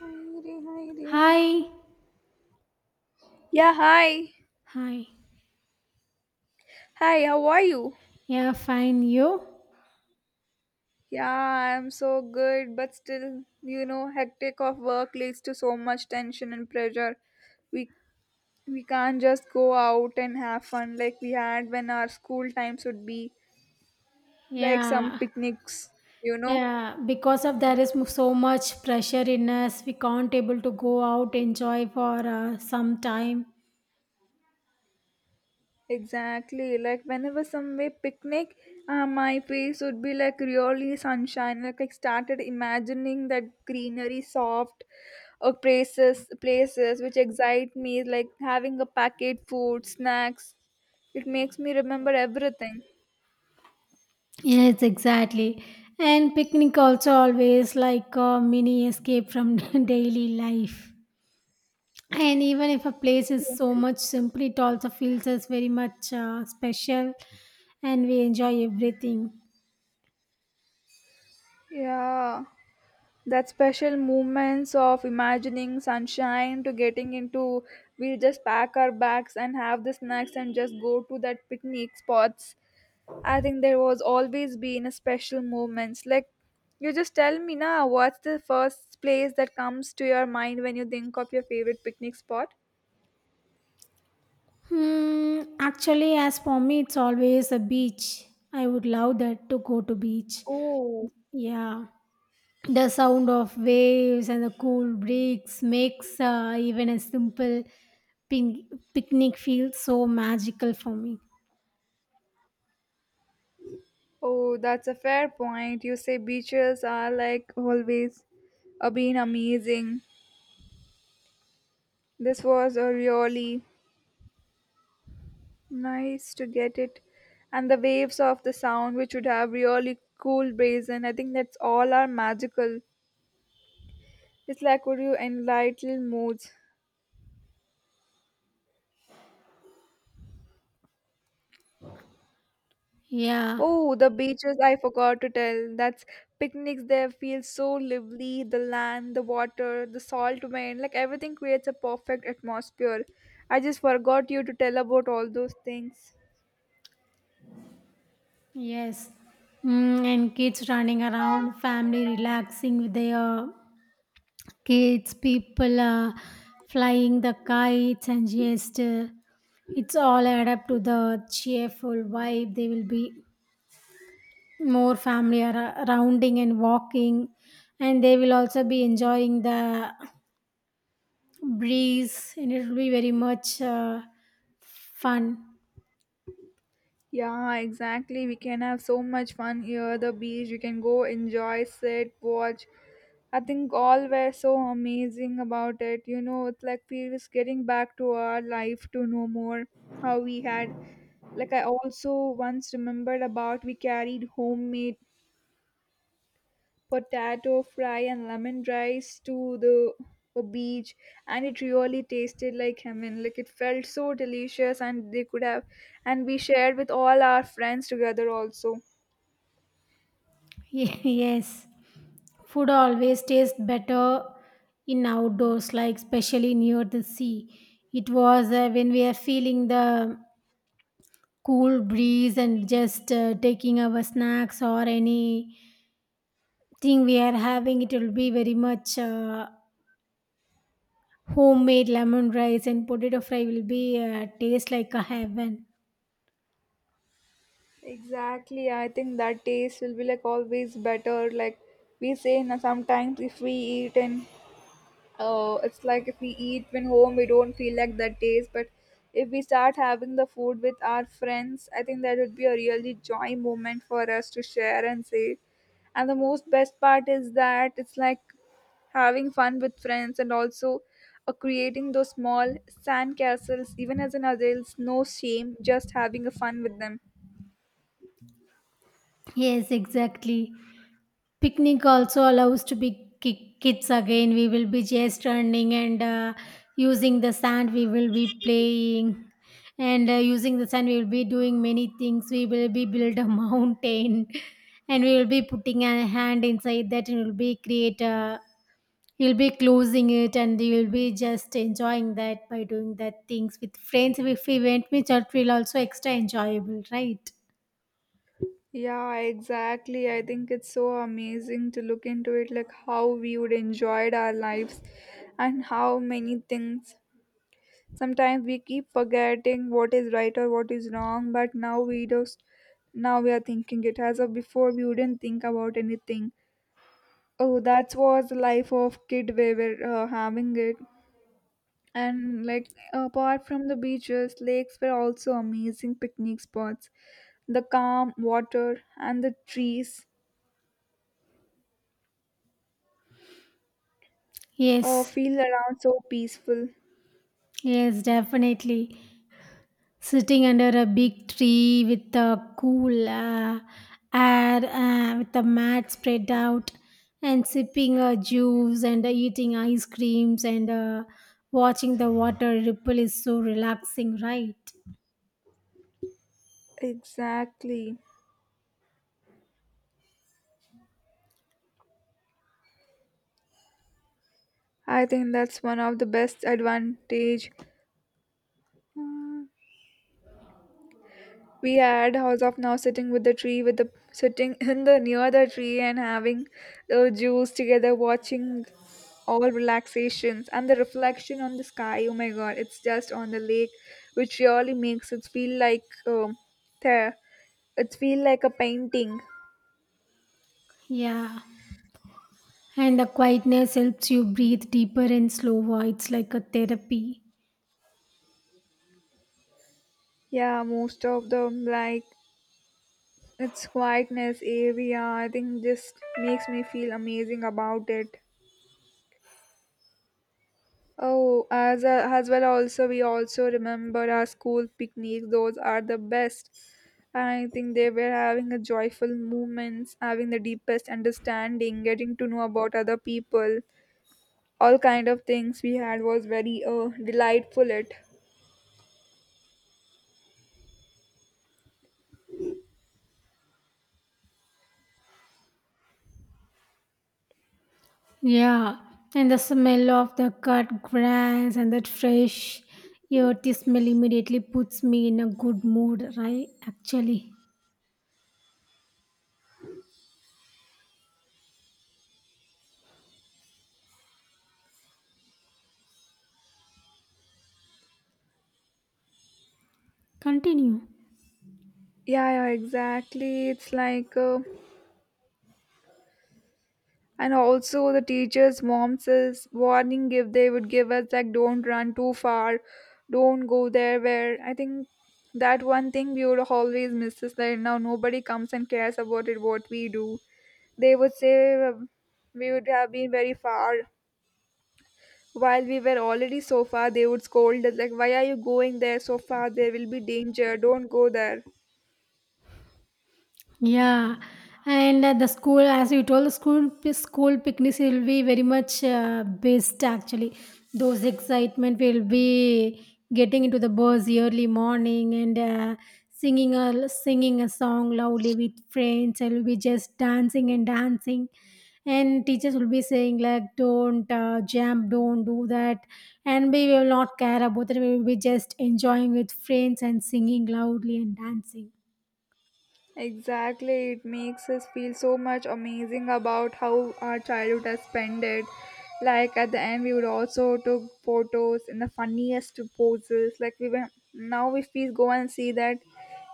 Hi re, hi Heidi. Hi. Yeah, hi. Hi. Hi, how are you? Yeah, fine. You? Yeah, I'm so good, but still, you know, hectic of work leads to so much tension and pressure. We we can't just go out and have fun like we had when our school times would be, like some Yeah. picnics, you know. Yeah. Because of there is so much pressure in us, we can't able to go out enjoy for some time. Exactly. Like whenever somewhere picnic, my face would be like really sunshine. Like I started imagining that greenery, soft places, places which excite me. Like having a packet food, snacks. It makes me remember everything. Yes, exactly. And picnic also always like a mini escape from daily life. And even if a place is so much simple, it also feels us very much special, and we enjoy everything. Yeah, that special moments of imagining sunshine to getting into. We'll just pack our bags and have the snacks and just go to that picnic spots. I think there was always been a special moments. Like you just tell me now, what's the first place that comes to your mind when you think of your favorite picnic spot? Actually, as for me, it's always a beach. I would love that to go to beach. Oh, Yeah, the sound of waves and the cool breeze makes even a simple ping- picnic feel so magical for me. oh, that's a fair point. You say beaches are like always been amazing. This was a really nice to get it, and the waves of the sound, which would have really cool brazen. I think that's all are magical. It's like would you enlighten moods. Yeah, Oh, the beaches I forgot to tell. That's picnics there feel so lively. The land, the water, the salt wind, like everything creates a perfect atmosphere. I just forgot you to tell about all those things. yes. And kids running around, family relaxing with their kids, people flying the kites and gesture. It's all add up to the cheerful vibe. They will be more family rounding and walking, and they will also be enjoying the breeze, and it will be very much fun. Yeah, exactly. We can have so much fun here. The beach, we can go enjoy, sit, watch. I think all were so amazing about it. You know, it's like we was getting back to our life to know more how we had. Like I also once remembered about we carried homemade potato fry and lemon rice to the a beach, and it really tasted like heaven, like it felt so delicious and they could have, and we shared with all our friends together also. Yes, food always tastes better in outdoors, like especially near the sea. It was when we are feeling the cool breeze and just taking our snacks or any thing we are having it will be very much homemade lemon rice and potato fry will be taste like a heaven. Exactly, I think that taste will be like always better. Like we say, now, sometimes if we eat in. Oh, it's like if we eat when home, we don't feel like that taste. But if we start having the food with our friends, I think that would be a really joy moment for us to share and say. And the most best part is that it's like having fun with friends and also creating those small sand castles. Even as an adult, no shame, just having a fun with them. Yes, exactly. Picnic also allows to be kids again. We will be just running and using the sand. We will be playing and using the sand. We will be doing many things. We will be build a mountain and we will be putting a hand inside that and we will be create a. You'll be closing it and you'll be just enjoying that by doing that things with friends. If we went with that, will also extra enjoyable, right? Yeah, exactly. I think it's so amazing to look into it like how we would enjoyed our lives and how many things sometimes we keep forgetting what is right or what is wrong, but now we are thinking it as of before we wouldn't think about anything. Oh, that was the life of kid we were having it. And like apart from the beaches, lakes were also amazing picnic spots. The calm water and the trees. Oh, Yes. feel around so peaceful. Yes, definitely. Sitting under a big tree with the cool air, with the mat spread out, and sipping a juice and eating ice creams and watching the water ripple is so relaxing, right? Exactly. I think that's one of the best advantage uh, we had house of now sitting with the tree with the sitting in the near the tree and having the juice together watching all relaxations and the reflection on the sky. Oh my god, it's just on the lake which really makes it feel like there it feel like a painting. Yeah. And the quietness helps you breathe deeper and slower. It's like a therapy. Yeah, most of them like its quietness area, I think, just makes me feel amazing about it. Oh, as a, as well, also we also remember our school picnics. Those are the best. I think they were having a joyful moments, having the deepest understanding, getting to know about other people. All kind of things we had was very delightful. It. Yeah, and the smell of the cut grass and that fresh earthy smell immediately puts me in a good mood, right? Actually, continue. Yeah, yeah, exactly. It's like and also the teacher's moms' says warning if they would give us like don't run too far, don't go there where I think that one thing we would always miss is that now nobody comes and cares about it what we do. They would say um, we would have been very far. While we were already so far, they would scold us like, "Why are you going there so far? There will be danger. Don't go there." Yeah, and the school, as you told, the school picnics will be very much best actually. Those excitement will be getting into the bus early morning and singing a song loudly with friends. I will be just dancing and dancing, and teachers will be saying like, "Don't jump, don't do that," and we will not care about it. We will be just enjoying with friends and singing loudly and dancing. Exactly, it makes us feel so much amazing about how our childhood has spent it. Like at the end, we would also took photos in the funniest poses. Like we were now, if we go and see that,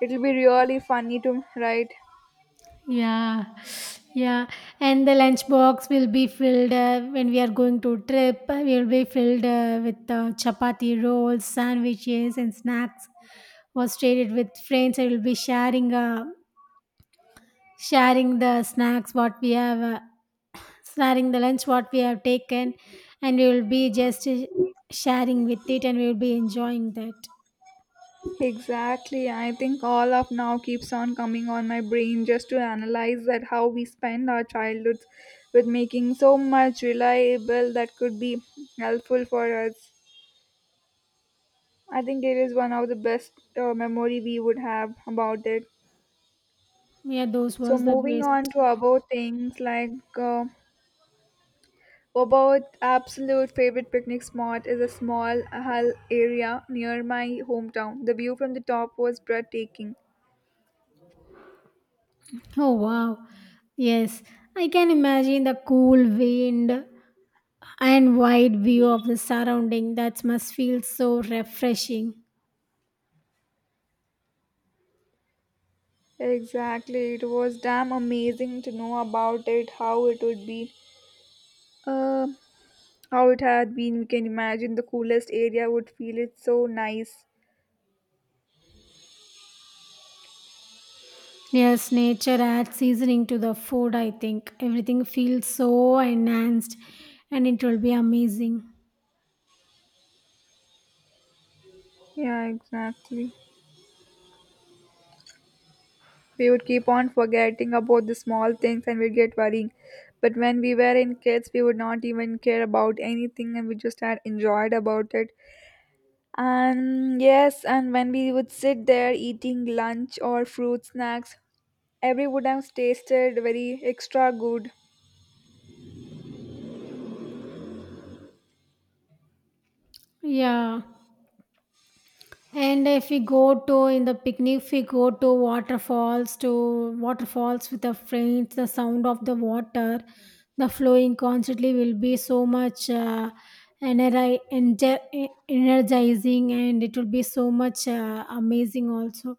it'll be really funny to write. Yeah, yeah, and the lunchbox will be filled when we are going to trip. Will be filled with chapati rolls, sandwiches, and snacks. Was traded with friends. I will be sharing the snacks what we have, sharing the lunch what we have taken, and we will be just sharing with it, and we will be enjoying that. Exactly, I think all of now keeps on coming on my brain just to analyze that how we spend our childhoods with making so much reliable that could be helpful for us. I think it is one of the best memory we would have about it. Yeah, those So was the moving best. on to about things like uh, about absolute favorite picnic spot is a small hill area near my hometown. The view from the top was breathtaking. Oh wow. Yes, I can imagine the cool wind and wide view of the surrounding that must feel so refreshing. Exactly, it was damn amazing to know about it, how it would be, uh, how it had been. We can imagine the coolest area would feel. It's so nice. Yes, nature adds seasoning to the food, I think. Everything feels so enhanced and it will be amazing. Yeah, exactly. We would keep on forgetting about the small things and we'd get worrying. But when we were in kids, we would not even care about anything and we just had enjoyed about it. And yes, and when we would sit there eating lunch or fruit snacks, every would have tasted very extra good. Yeah. And if we go to in the picnic, if we go to waterfalls with the friends, the sound of the water, the flowing constantly will be so much energizing and it will be so much amazing also.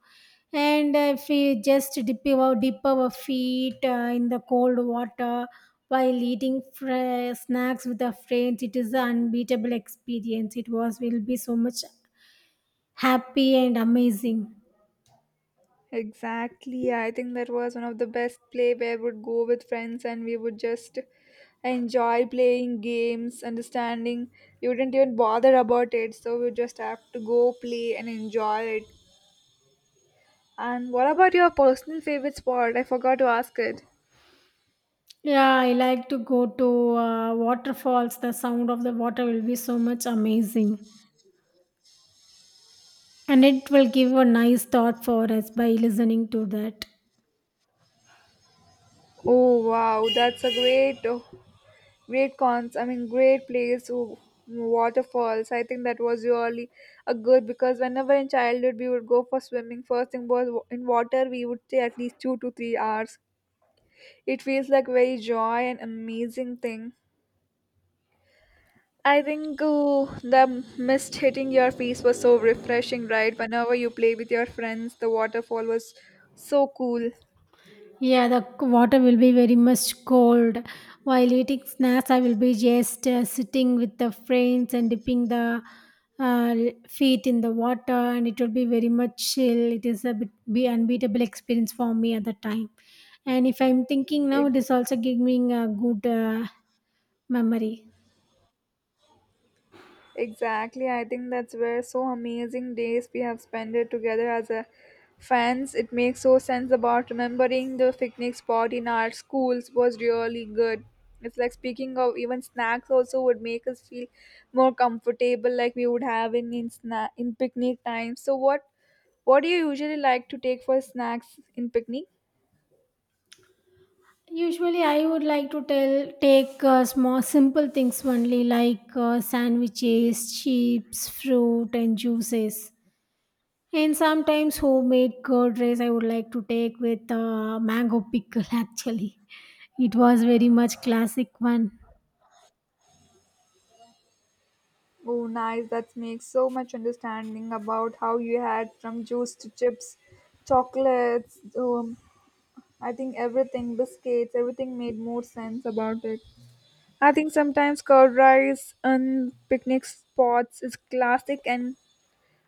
And if we just dip our feet in the cold water while eating snacks with our friends, it is an unbeatable experience. It was will be so much happy and amazing. Exactly. I think that was one of the best play where we would go with friends and we would just enjoy playing games, understanding. You wouldn't even bother about it, so we just have to go play and enjoy it. And what about your personal favorite sport? I forgot to ask it. Yeah, I like to go to waterfalls. The sound of the water will be so much amazing. And it will give a nice thought for us by listening to that. Oh wow, that's a great. Great cons. I mean, great place, waterfalls. I think that was really a good because whenever in childhood we would go for swimming, first thing was in water we would stay at least 2 to 3 hours. It feels like very joy and amazing thing. I think the mist hitting your face was so refreshing, right? Whenever you play with your friends, the waterfall was so cool. Yeah, the water will be very much cold. While eating snacks, I will be just sitting with the friends and dipping the uh, feet in the water, and it will be very much chill. It is a bit be unbeatable experience for me at the time. And if I'm thinking now, Like, it is also giving a good memory. exactly. I think that's where so amazing days we have spent it together as a fans. It makes so sense about remembering the picnic spot in our schools was really good. It's like speaking of even snacks also would make us feel more comfortable like we would have in in picnic time. So what do you usually like to take for snacks in picnic? Usually, I would like to tell take small, simple things only like sandwiches, chips, fruit, and juices. And sometimes homemade curd rice I would like to take with mango pickle actually. It was very much classic one. Oh, nice. That makes so much understanding about how you had from juice to chips, chocolates, I think everything, biscuits, everything made more sense about it. I think sometimes curd rice on picnic spots is classic and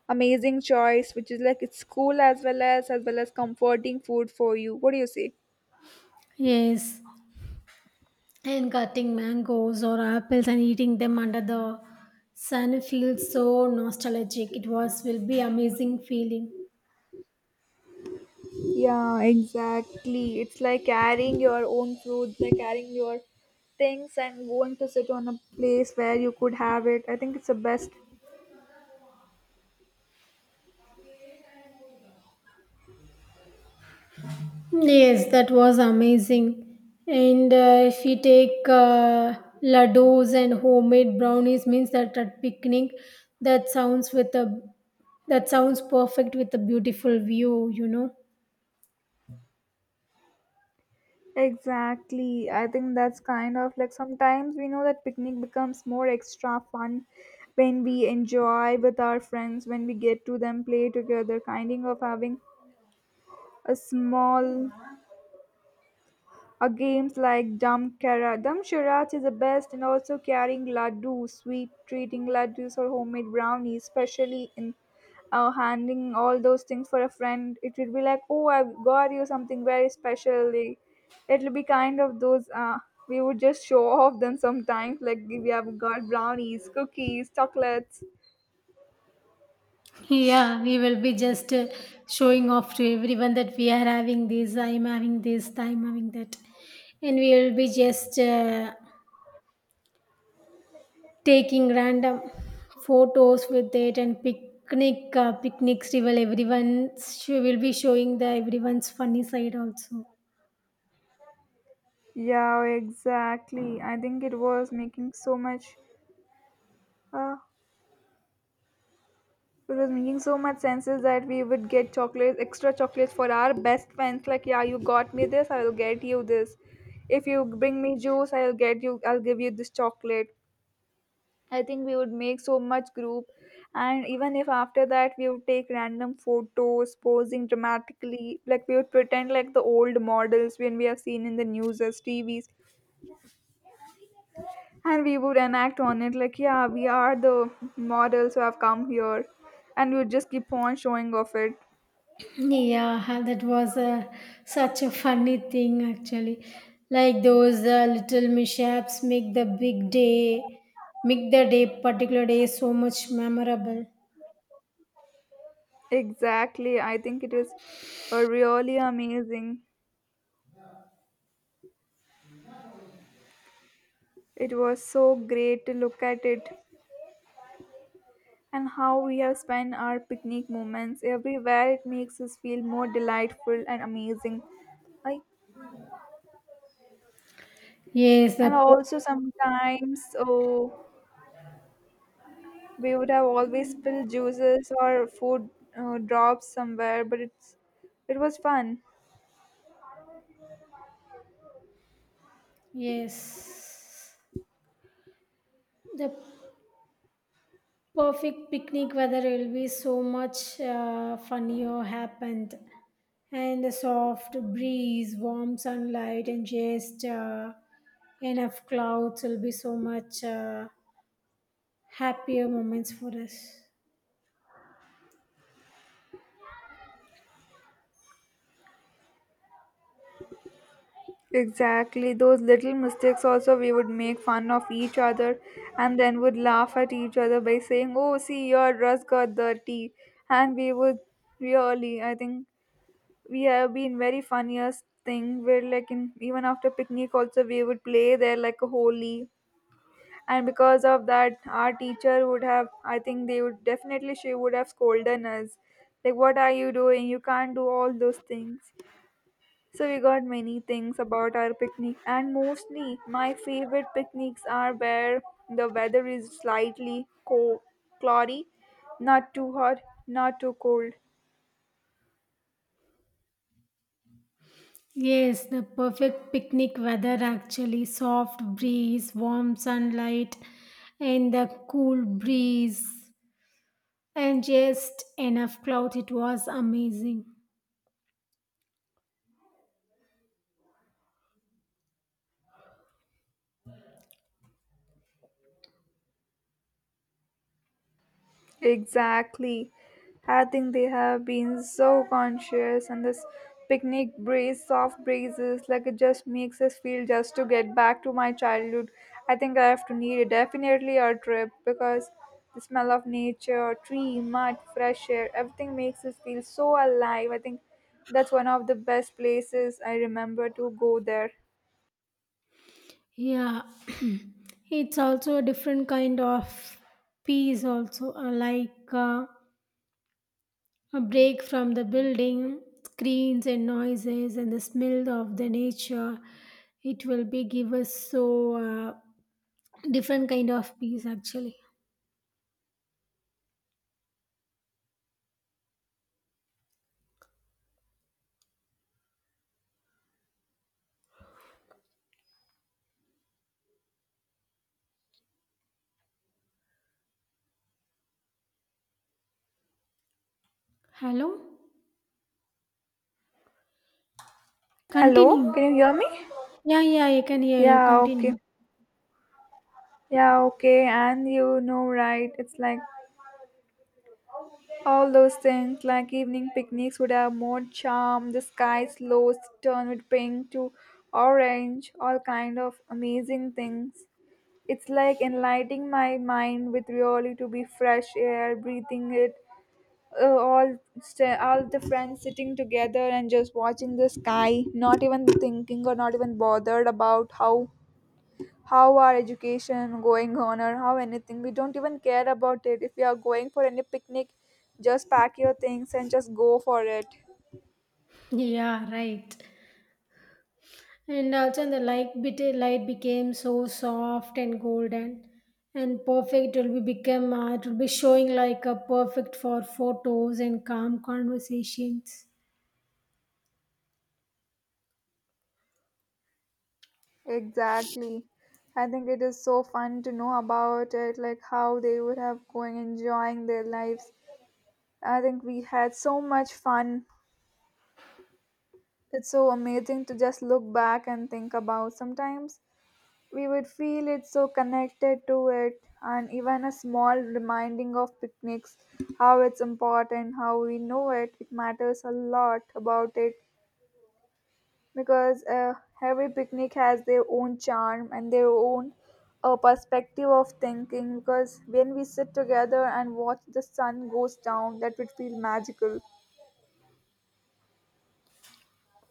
amazing choice, which is like it's cool as well as comforting food for you. What do you say? Yes. And cutting mangoes or apples and eating them under the sun feels so nostalgic. It was will be amazing feeling. Yeah, exactly. It's like carrying your own fruits, like carrying your things and going to sit on a place where you could have it. I think it's the best. Yes, that was amazing. And if you take laddus and homemade brownies, means that at picnic, that sounds with a that sounds perfect with a beautiful view. You know. Exactly. I think that's kind of like sometimes we know that picnic becomes more extra fun when we enjoy with our friends, when we get to them play together, kind of having a small a games like Dum Kara Dum Sharach is the best and also carrying laddu, sweet treating laddus or homemade brownies, especially in handing all those things for a friend. It will be like, oh, I've got you something very special. They- it'll be kind of those. We would just show off them sometimes, like we have got brownies, cookies, chocolates. Yeah, we will be just showing off to everyone that we are having this. I'm having this. I'm having that, and we will be just taking random photos with it and picnics, she will be showing the everyone's funny side also. Yeah, exactly. I think it was making so much. Uh, It was making so much sense is that we would get chocolates, extra chocolates for our best friends. Like, yeah, you got me this, I'll get you this. If you bring me juice, I'll give you this chocolate. I think we would make so much group, and even if after that we would take random photos, posing dramatically, like we would pretend like the old models when we have seen in the news as TVs, and we would enact on it like, yeah, we are the models who have come here, and we would just keep on showing off it. Yeah that was a, such a funny thing actually, like those little mishaps make the day particular day so much memorable. Exactly. I think it is really amazing. It was so great to look at it and how we have spent our picnic moments everywhere. It makes us feel more delightful and amazing. Like, yes the and po- also sometimes, oh, we would have always spilled juices or food drops somewhere, but it was fun. yes, the perfect picnic weather will be so much funnier happened, and a soft breeze warm sunlight and just enough clouds will be so much happier moments for us. Exactly, those little mistakes also we would make fun of each other and then would laugh at each other by saying, "Oh, see, your dress got dirty." And we would really, I think we have been very funniest thing where, like, in even after picnic, also we would play there like a holy. And because of that, our teacher would have, I think they would definitely, she would have scolded us. Like, what are you doing? You can't do all those things. So we got many things about our picnic, and mostly my favorite picnics are where the weather is slightly cloudy, not too hot, not too cold. Yes, the perfect picnic weather actually soft breeze warm sunlight and the cool breeze and just enough cloud it was amazing. Exactly. I think they have been so conscious, and this picnic breeze, soft breezes, like it just makes us feel just to get back to my childhood. I think I have to need it definitely a trip because the smell of nature, tree, mud, fresh air, everything makes us feel so alive. I think that's one of the best places I remember to go there. Yeah, it's also a different kind of peace, also like a break from the building, screens and noises, and the smell of the nature. It will be give us so different kind of peace actually. Hello, Hello, continue. can you hear me? Yeah, yeah, I can hear you. Yeah, okay. Continue. Yeah, okay. And you know, right? It's like all those things, like evening picnics, would have more charm. The sky's lows turn with pink to orange, all kind of amazing things. It's like enlightening my mind with really to be fresh air, breathing it. All the friends sitting together and just watching the sky, not even thinking or not even bothered about how our education going on or how anything, we don't even care about it. If you are going for any picnic, just pack your things and just go for it. Yeah, right. And also the light became so soft and golden and perfect it will be become it will be showing like a perfect for photos and calm conversations. Exactly, I think it is so fun to know about it, like how they would have going enjoying their lives. I think we had so much fun. It's so amazing to just look back and think about sometimes. We would feel it so connected to it, and even a small reminding of picnics, how it's important, how we know it it matters a lot about it. Because Every picnic has their own charm and their own perspective of thinking, because when we sit together and watch the sun goes down, that would feel magical.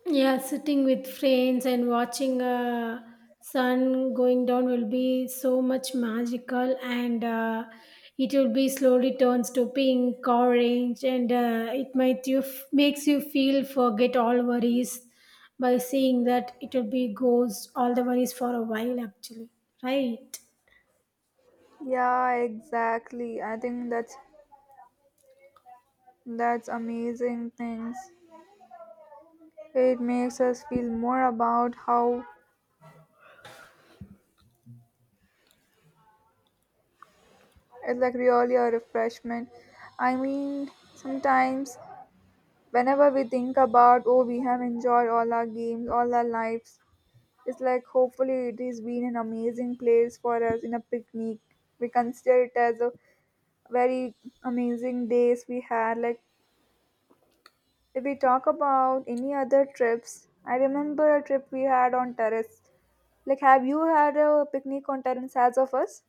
Yeah, sitting with friends and watching sun going down will be so much magical, and it will be slowly turns to pink, orange, and it might you makes you feel forget all worries by seeing that it will be goes all the worries for a while actually, right? Yeah, exactly. I think that's amazing things. It makes us feel more about how it's like really a refreshment. I mean, sometimes whenever we think about, oh, we have enjoyed all our games, all our lives, it's like hopefully it has been an amazing place for us in a picnic. We consider it as a very amazing days we had. Like, if we talk about any other trips, I remember a trip we had on terrace. Like, have you had a picnic on terrace as of us?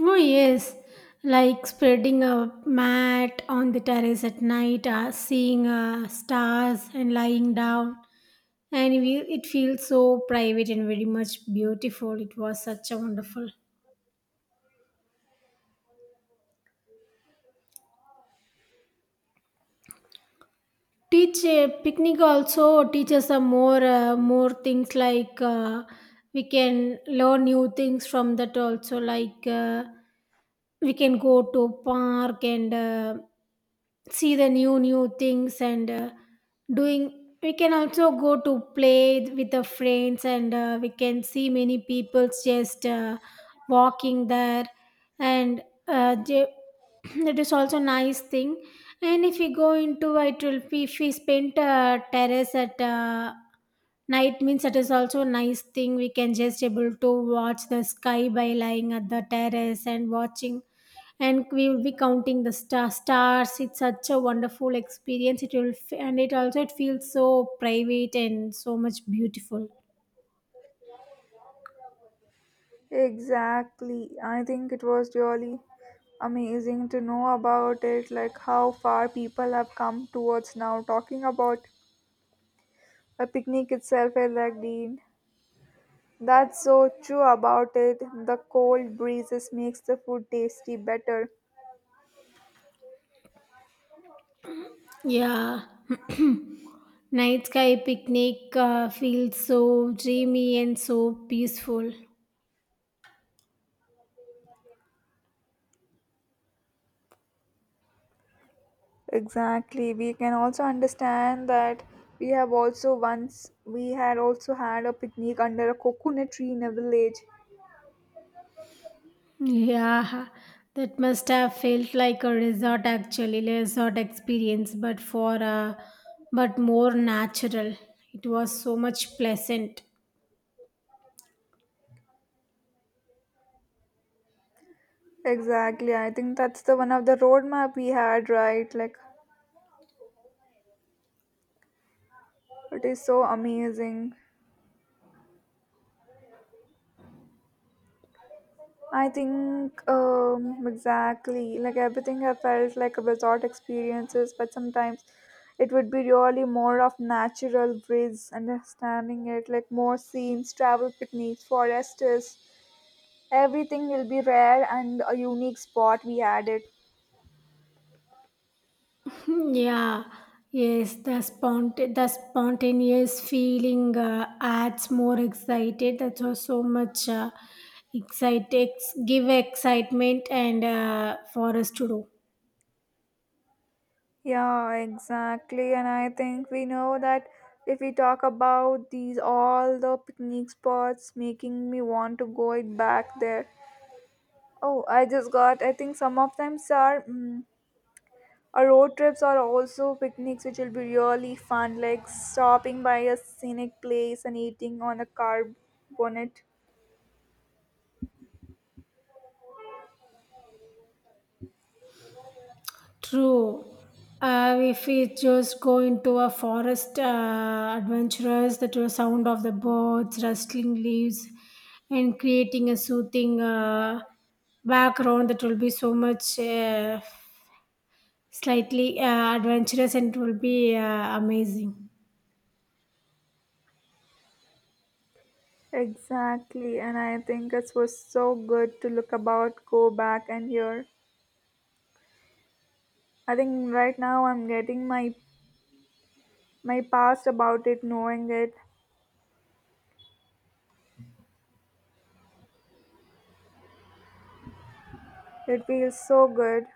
Oh yes, like spreading a mat on the terrace at night, seeing stars and lying down and it feels so private and very much beautiful, it was such a wonderful teach picnic also teaches some more more things like we can learn new things from that also, like we can go to park and see the new things and doing we can also go to play with the friends and we can see many people just walking there and uh, they- that is also nice thing. And if we go into it will be if we spend terrace at night means that is also nice thing, we can just able to watch the sky by lying at the terrace and watching, and we will be counting the stars, it's such a wonderful experience it will and it also it feels so private and so much beautiful. Exactly. I think it was really amazing to know about it, like how far people have come towards now. Talking about a picnic itself is like Dean. That's so true about it. The cold breezes makes the food tasty better. Yeah, night sky picnic feels so dreamy and so peaceful. Exactly. We can also understand that we have also once we had also had a picnic under a coconut tree in a village. Yeah, that must have felt like a resort actually, like a resort experience but for but more natural, it was so much pleasant. Exactly. I think that's the one of the roadmap we had, right? Like, it is so amazing. I think exactly, like everything I felt like a resort experiences, but sometimes it would be really more of natural breeze, understanding it like more scenes, travel picnics, forests. Everything will be rare and a unique spot we added. Yeah, yes, the the spontaneous feeling adds more excited. That's why so much give excitement and for us to do. Yeah, exactly. And I think we know that if we talk about these all the picnic spots making me want to go it back there. Oh, I just got. I think some of them are our road trips are also picnics, which will be really fun. Like stopping by a scenic place and eating on a car bonnet. True. If we just go into a forest adventurous, that was sound of the birds rustling leaves and creating a soothing background that will be so much slightly adventurous and it will be amazing. Exactly, and I think it was so good to look about, go back, and hear. I think right now I'm getting my my past about it, knowing it. It feels so good.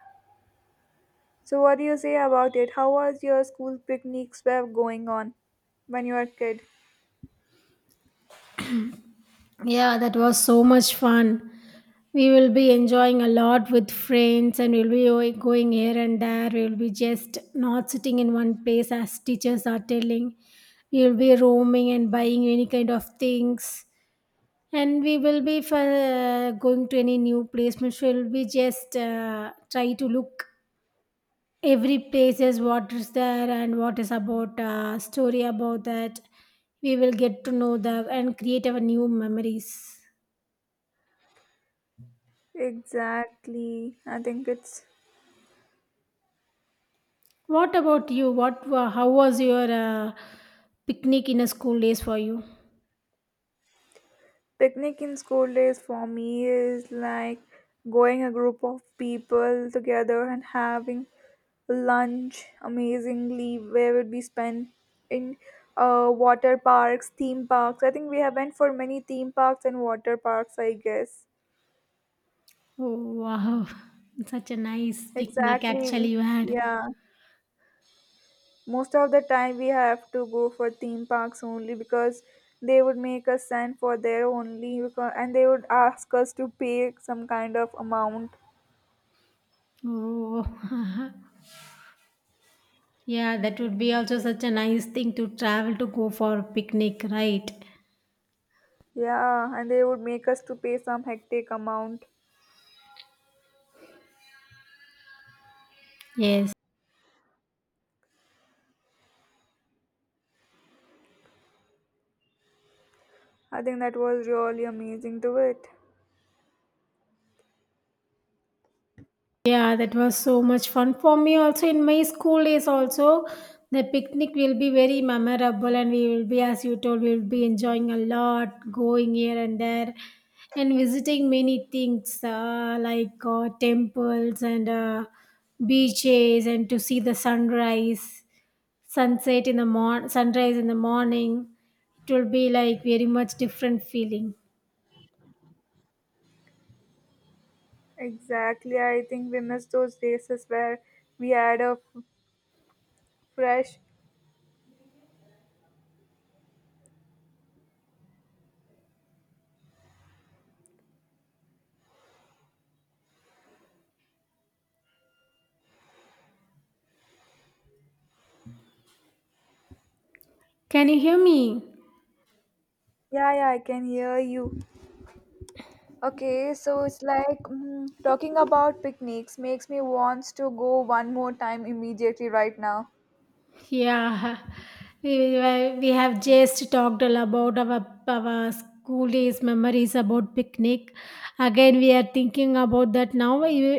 So, what do you say about it? How was your school picnics were going on when you were a kid? Yeah, that was so much fun. We will be enjoying a lot with friends and we'll be going here and there. We'll be just not sitting in one place as teachers are telling. We'll be roaming and buying any kind of things. And we will be for, going to any new place. We'll be just try to look every place is what is there and what is about story about that, we will get to know the and create our new memories. Exactly. I think it's What about you, how was your picnic in a school days for you? picnic in school days for me is like going a group of people together and having lunch amazingly where would we spend in water parks, theme parks. I think we have went for many theme parks and water parks, I guess. Oh wow, such a nice picnic Exactly. Actually you had. Yeah. Most of the time, we have to go for theme parks only because they would make us sign for their only because, and they would ask us to pay some kind of amount. Oh, yeah that would be also such a nice thing to travel to go for picnic, right? Yeah, and they would make us to pay some hectic amount. Yes. I think that was really amazing to it. Yeah, that was so much fun for me. Also, in my school days, also the picnic will be very memorable, and we will be, as you told, we will be enjoying a lot, going here and there, and visiting many things like temples and beaches, and to see the sunrise, sunset in the morning, sunrise in the morning. It will be like very much different feeling. Exactly, I think we missed those places where we had a fresh. Can you hear me? Yeah, yeah, I can hear you. Okay, so it's like talking about picnics makes me wants to go one more time immediately right now. Yeah, we have just talked all about our school days memories about picnic. Again, we are thinking about that now. You,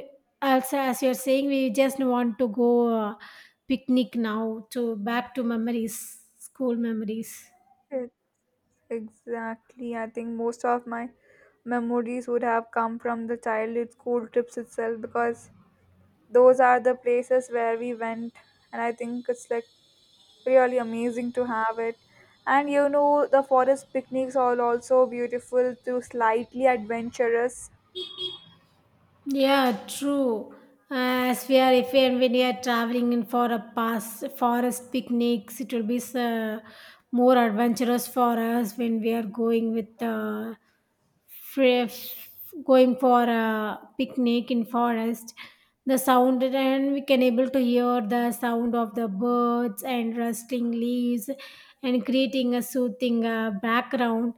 also, as you are saying, we just want to go picnic now to back to memories, school memories. It, exactly. I think most of my memories would have come from the childhood school trips itself because those are the places where we went, and I think it's like really amazing to have it. And you know, the forest picnics are also beautiful to slightly adventurous. Yeah, true. As we are, if we are, when we are traveling in for a pass forest picnics, it will be more adventurous for us when we are going with fresh, going for a picnic in forest, the sound, and we can able to hear the sound of the birds and rustling leaves and creating a soothing background,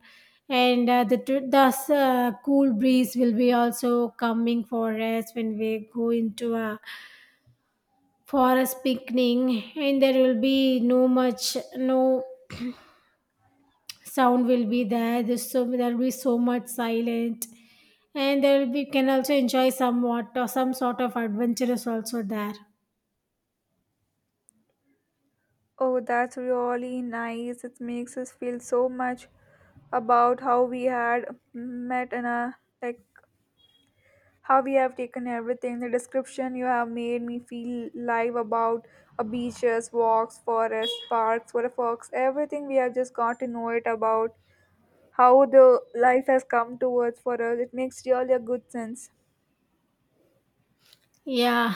and the tr- thus cool breeze will be also coming for us when we go into a forest picnic. And there will be no much no sound will be there. There's so there will be so much silent, and there will be can also enjoy somewhat or some sort of adventurous also there. Oh, that's really nice. It makes us feel so much about how we had met in a, like, how we have taken everything the description you have made me feel live about beaches, walks, forests, parks, water fox, everything. We have just got to know it about how the life has come towards for us. It makes really a good sense. Yeah,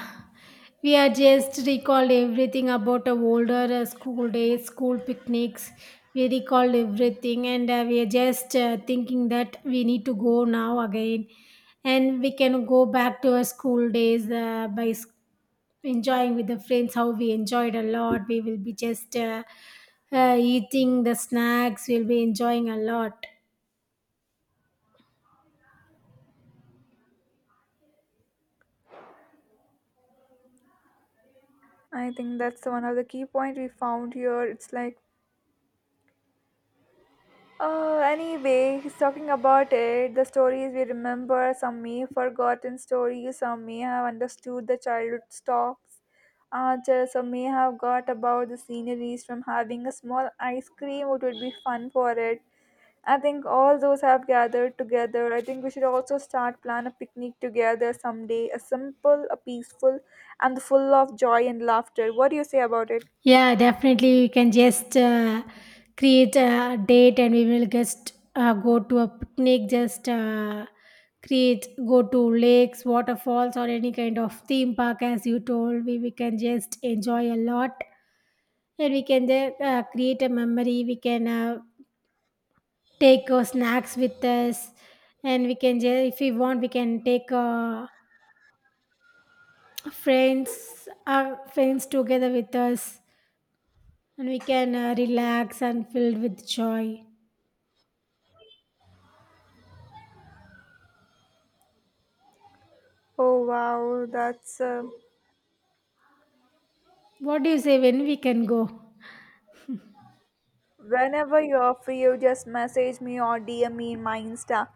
we are just recalled everything about our older school days school picnics. We recalled everything, and we are just thinking that we need to go now again, and we can go back to our school days enjoying with the friends how we enjoyed a lot. We will be just eating the snacks, we'll be enjoying a lot. I think that's one of the key point we found here. It's like anyway, he's talking about it. The stories we remember, some may have forgotten stories, some may have understood the childhood stops, just some may have got about the sceneries from having a small ice cream, it would be fun for it. I think all those have gathered together. I think we should also start plan a picnic together someday. A simple, a peaceful, and full of joy and laughter. What do you say about it? Yeah, definitely we can just create a date, and we will just go to a picnic, just create, go to lakes, waterfalls, or any kind of theme park. As you told, we can just enjoy a lot, and we can then create a memory. We can take snacks with us, and we can if we want, we can take friends, our friends, together with us, and we can relax and filled with joy. Oh wow, that's. What do you say when we can go? Whenever you're free, you just message me or DM me in my Insta.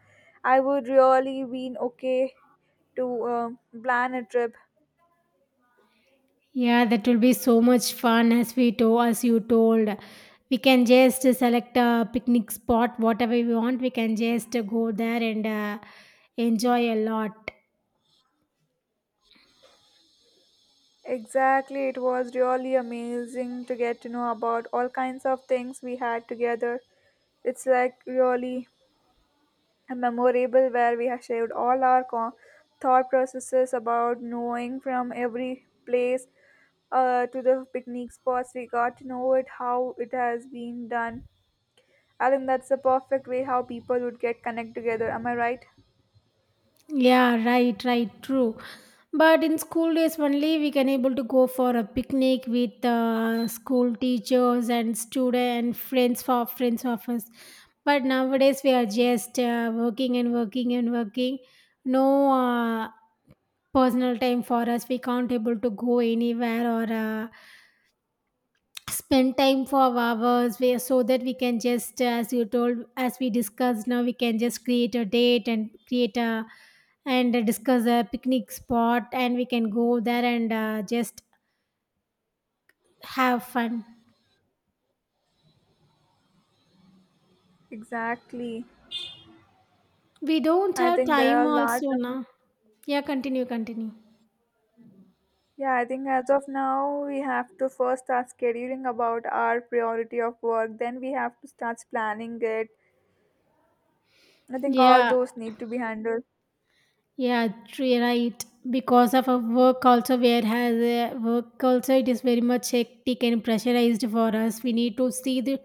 I would really been okay to plan a trip. Yeah, that will be so much fun. As we told, as you told, we can just select a picnic spot whatever we want. We can just go there and enjoy a lot. Exactly, it was really amazing to get to know about all kinds of things we had together. It's like really a memorable where we have shared all our thought processes about knowing from every place to the picnic spots. We got to know it how it has been done. I think that's the perfect way how people would get connect together. Am I right? Yeah, right, right, true. But in school days only, we can able to go for a picnic with school teachers and student friends, for friends of us. But nowadays we are just working and working and working. No personal time for us. We can't able to go anywhere or spend time for hours, where so that we can just, as you told, as we discussed now, we can just create a date and create a and discuss a picnic spot, and we can go there and just have fun. Exactly. We don't I have think there time are large. also now. Yeah, continue. Yeah, I think as of now we have to first start scheduling about our priority of work. Then we have to start planning it. I think all Yeah. those need to be handled. Yeah, true, right. Because of our work also, where has work also, it is very much hectic and pressurized for us. We need to see the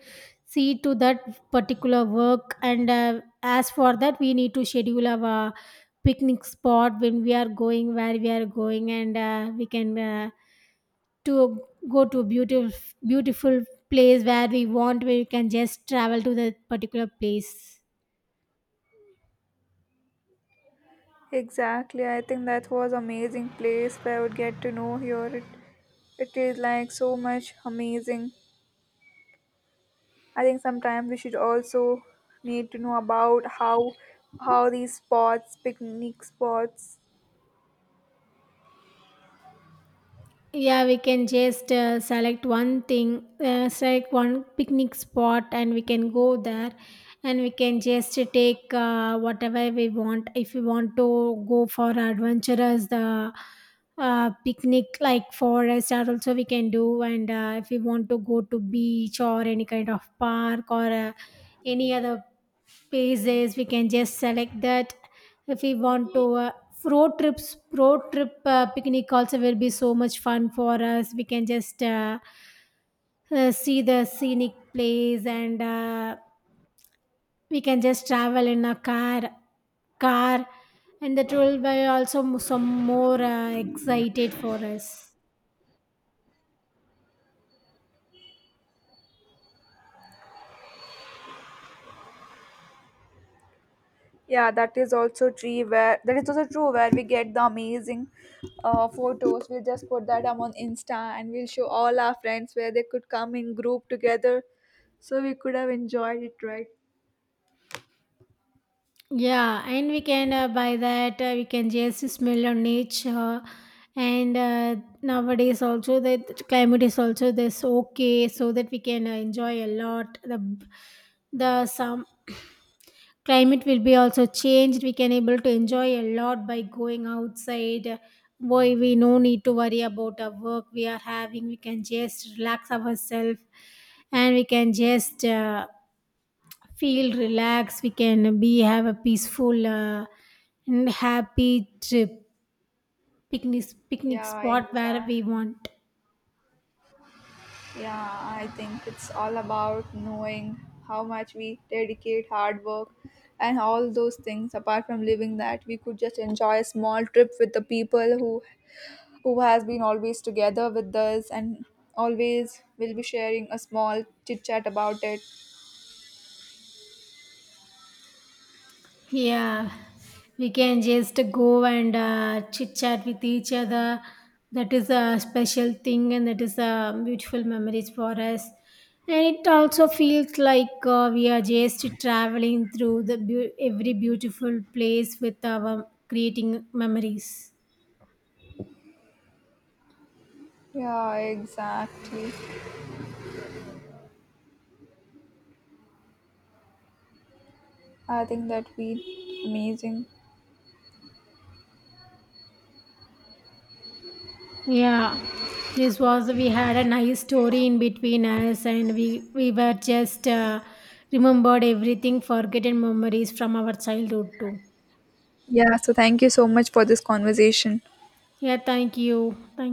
see to that particular work, and as for that, we need to schedule our picnic spot, when we are going, where we are going, and we can to go to a beautiful place where we want, where we can just travel to that particular place. Exactly. I think that was amazing place where I would get to know here. It is like so much amazing. I think sometime we should also need to know about how these spots, picnic spots. Yeah, we can just select one thing, select one picnic spot, and we can go there. And we can just take whatever we want. If we want to go for adventurous, the picnic like forest are also we can do. And if we want to go to beach or any kind of park or any other places, we can just select that. If we want to road trips, road trip picnic, also will be so much fun for us. We can just see the scenic place, and we can just travel in a car, and that will be also some more excited for us. Yeah, that is also true where that is also true where we get the amazing photos. We'll just put that up on Insta and we'll show all our friends where they could come in group together. So we could have enjoyed it, right? Yeah, and we can buy that. We can just smell on nature. And nowadays also, the climate is also this okay, so that we can enjoy a lot. The some climate will be also changed. We can able to enjoy a lot by going outside. Why we no need to worry about the work we are having. We can just relax ourselves, and we can just. Feel relaxed. We can be have a peaceful and happy trip, picnic Yeah, spot where exactly. we want. Yeah, I think it's all about knowing how much we dedicate hard work and all those things apart from living that we could just enjoy a small trip with the people who has been always together with us and always will be sharing a small chit chat about it. Yeah, we can just go and chit chat with each other. That is a special thing, and that is a beautiful memories for us. And it also feels like we are just traveling through the beau every beautiful place with our, creating memories. Yeah, exactly. I think that we amazing. Yeah, this was, we had a nice story in between us, and we were just remembered everything, forgotten memories from our childhood too. Yeah, so thank you so much for this conversation. Yeah, thank you. Thank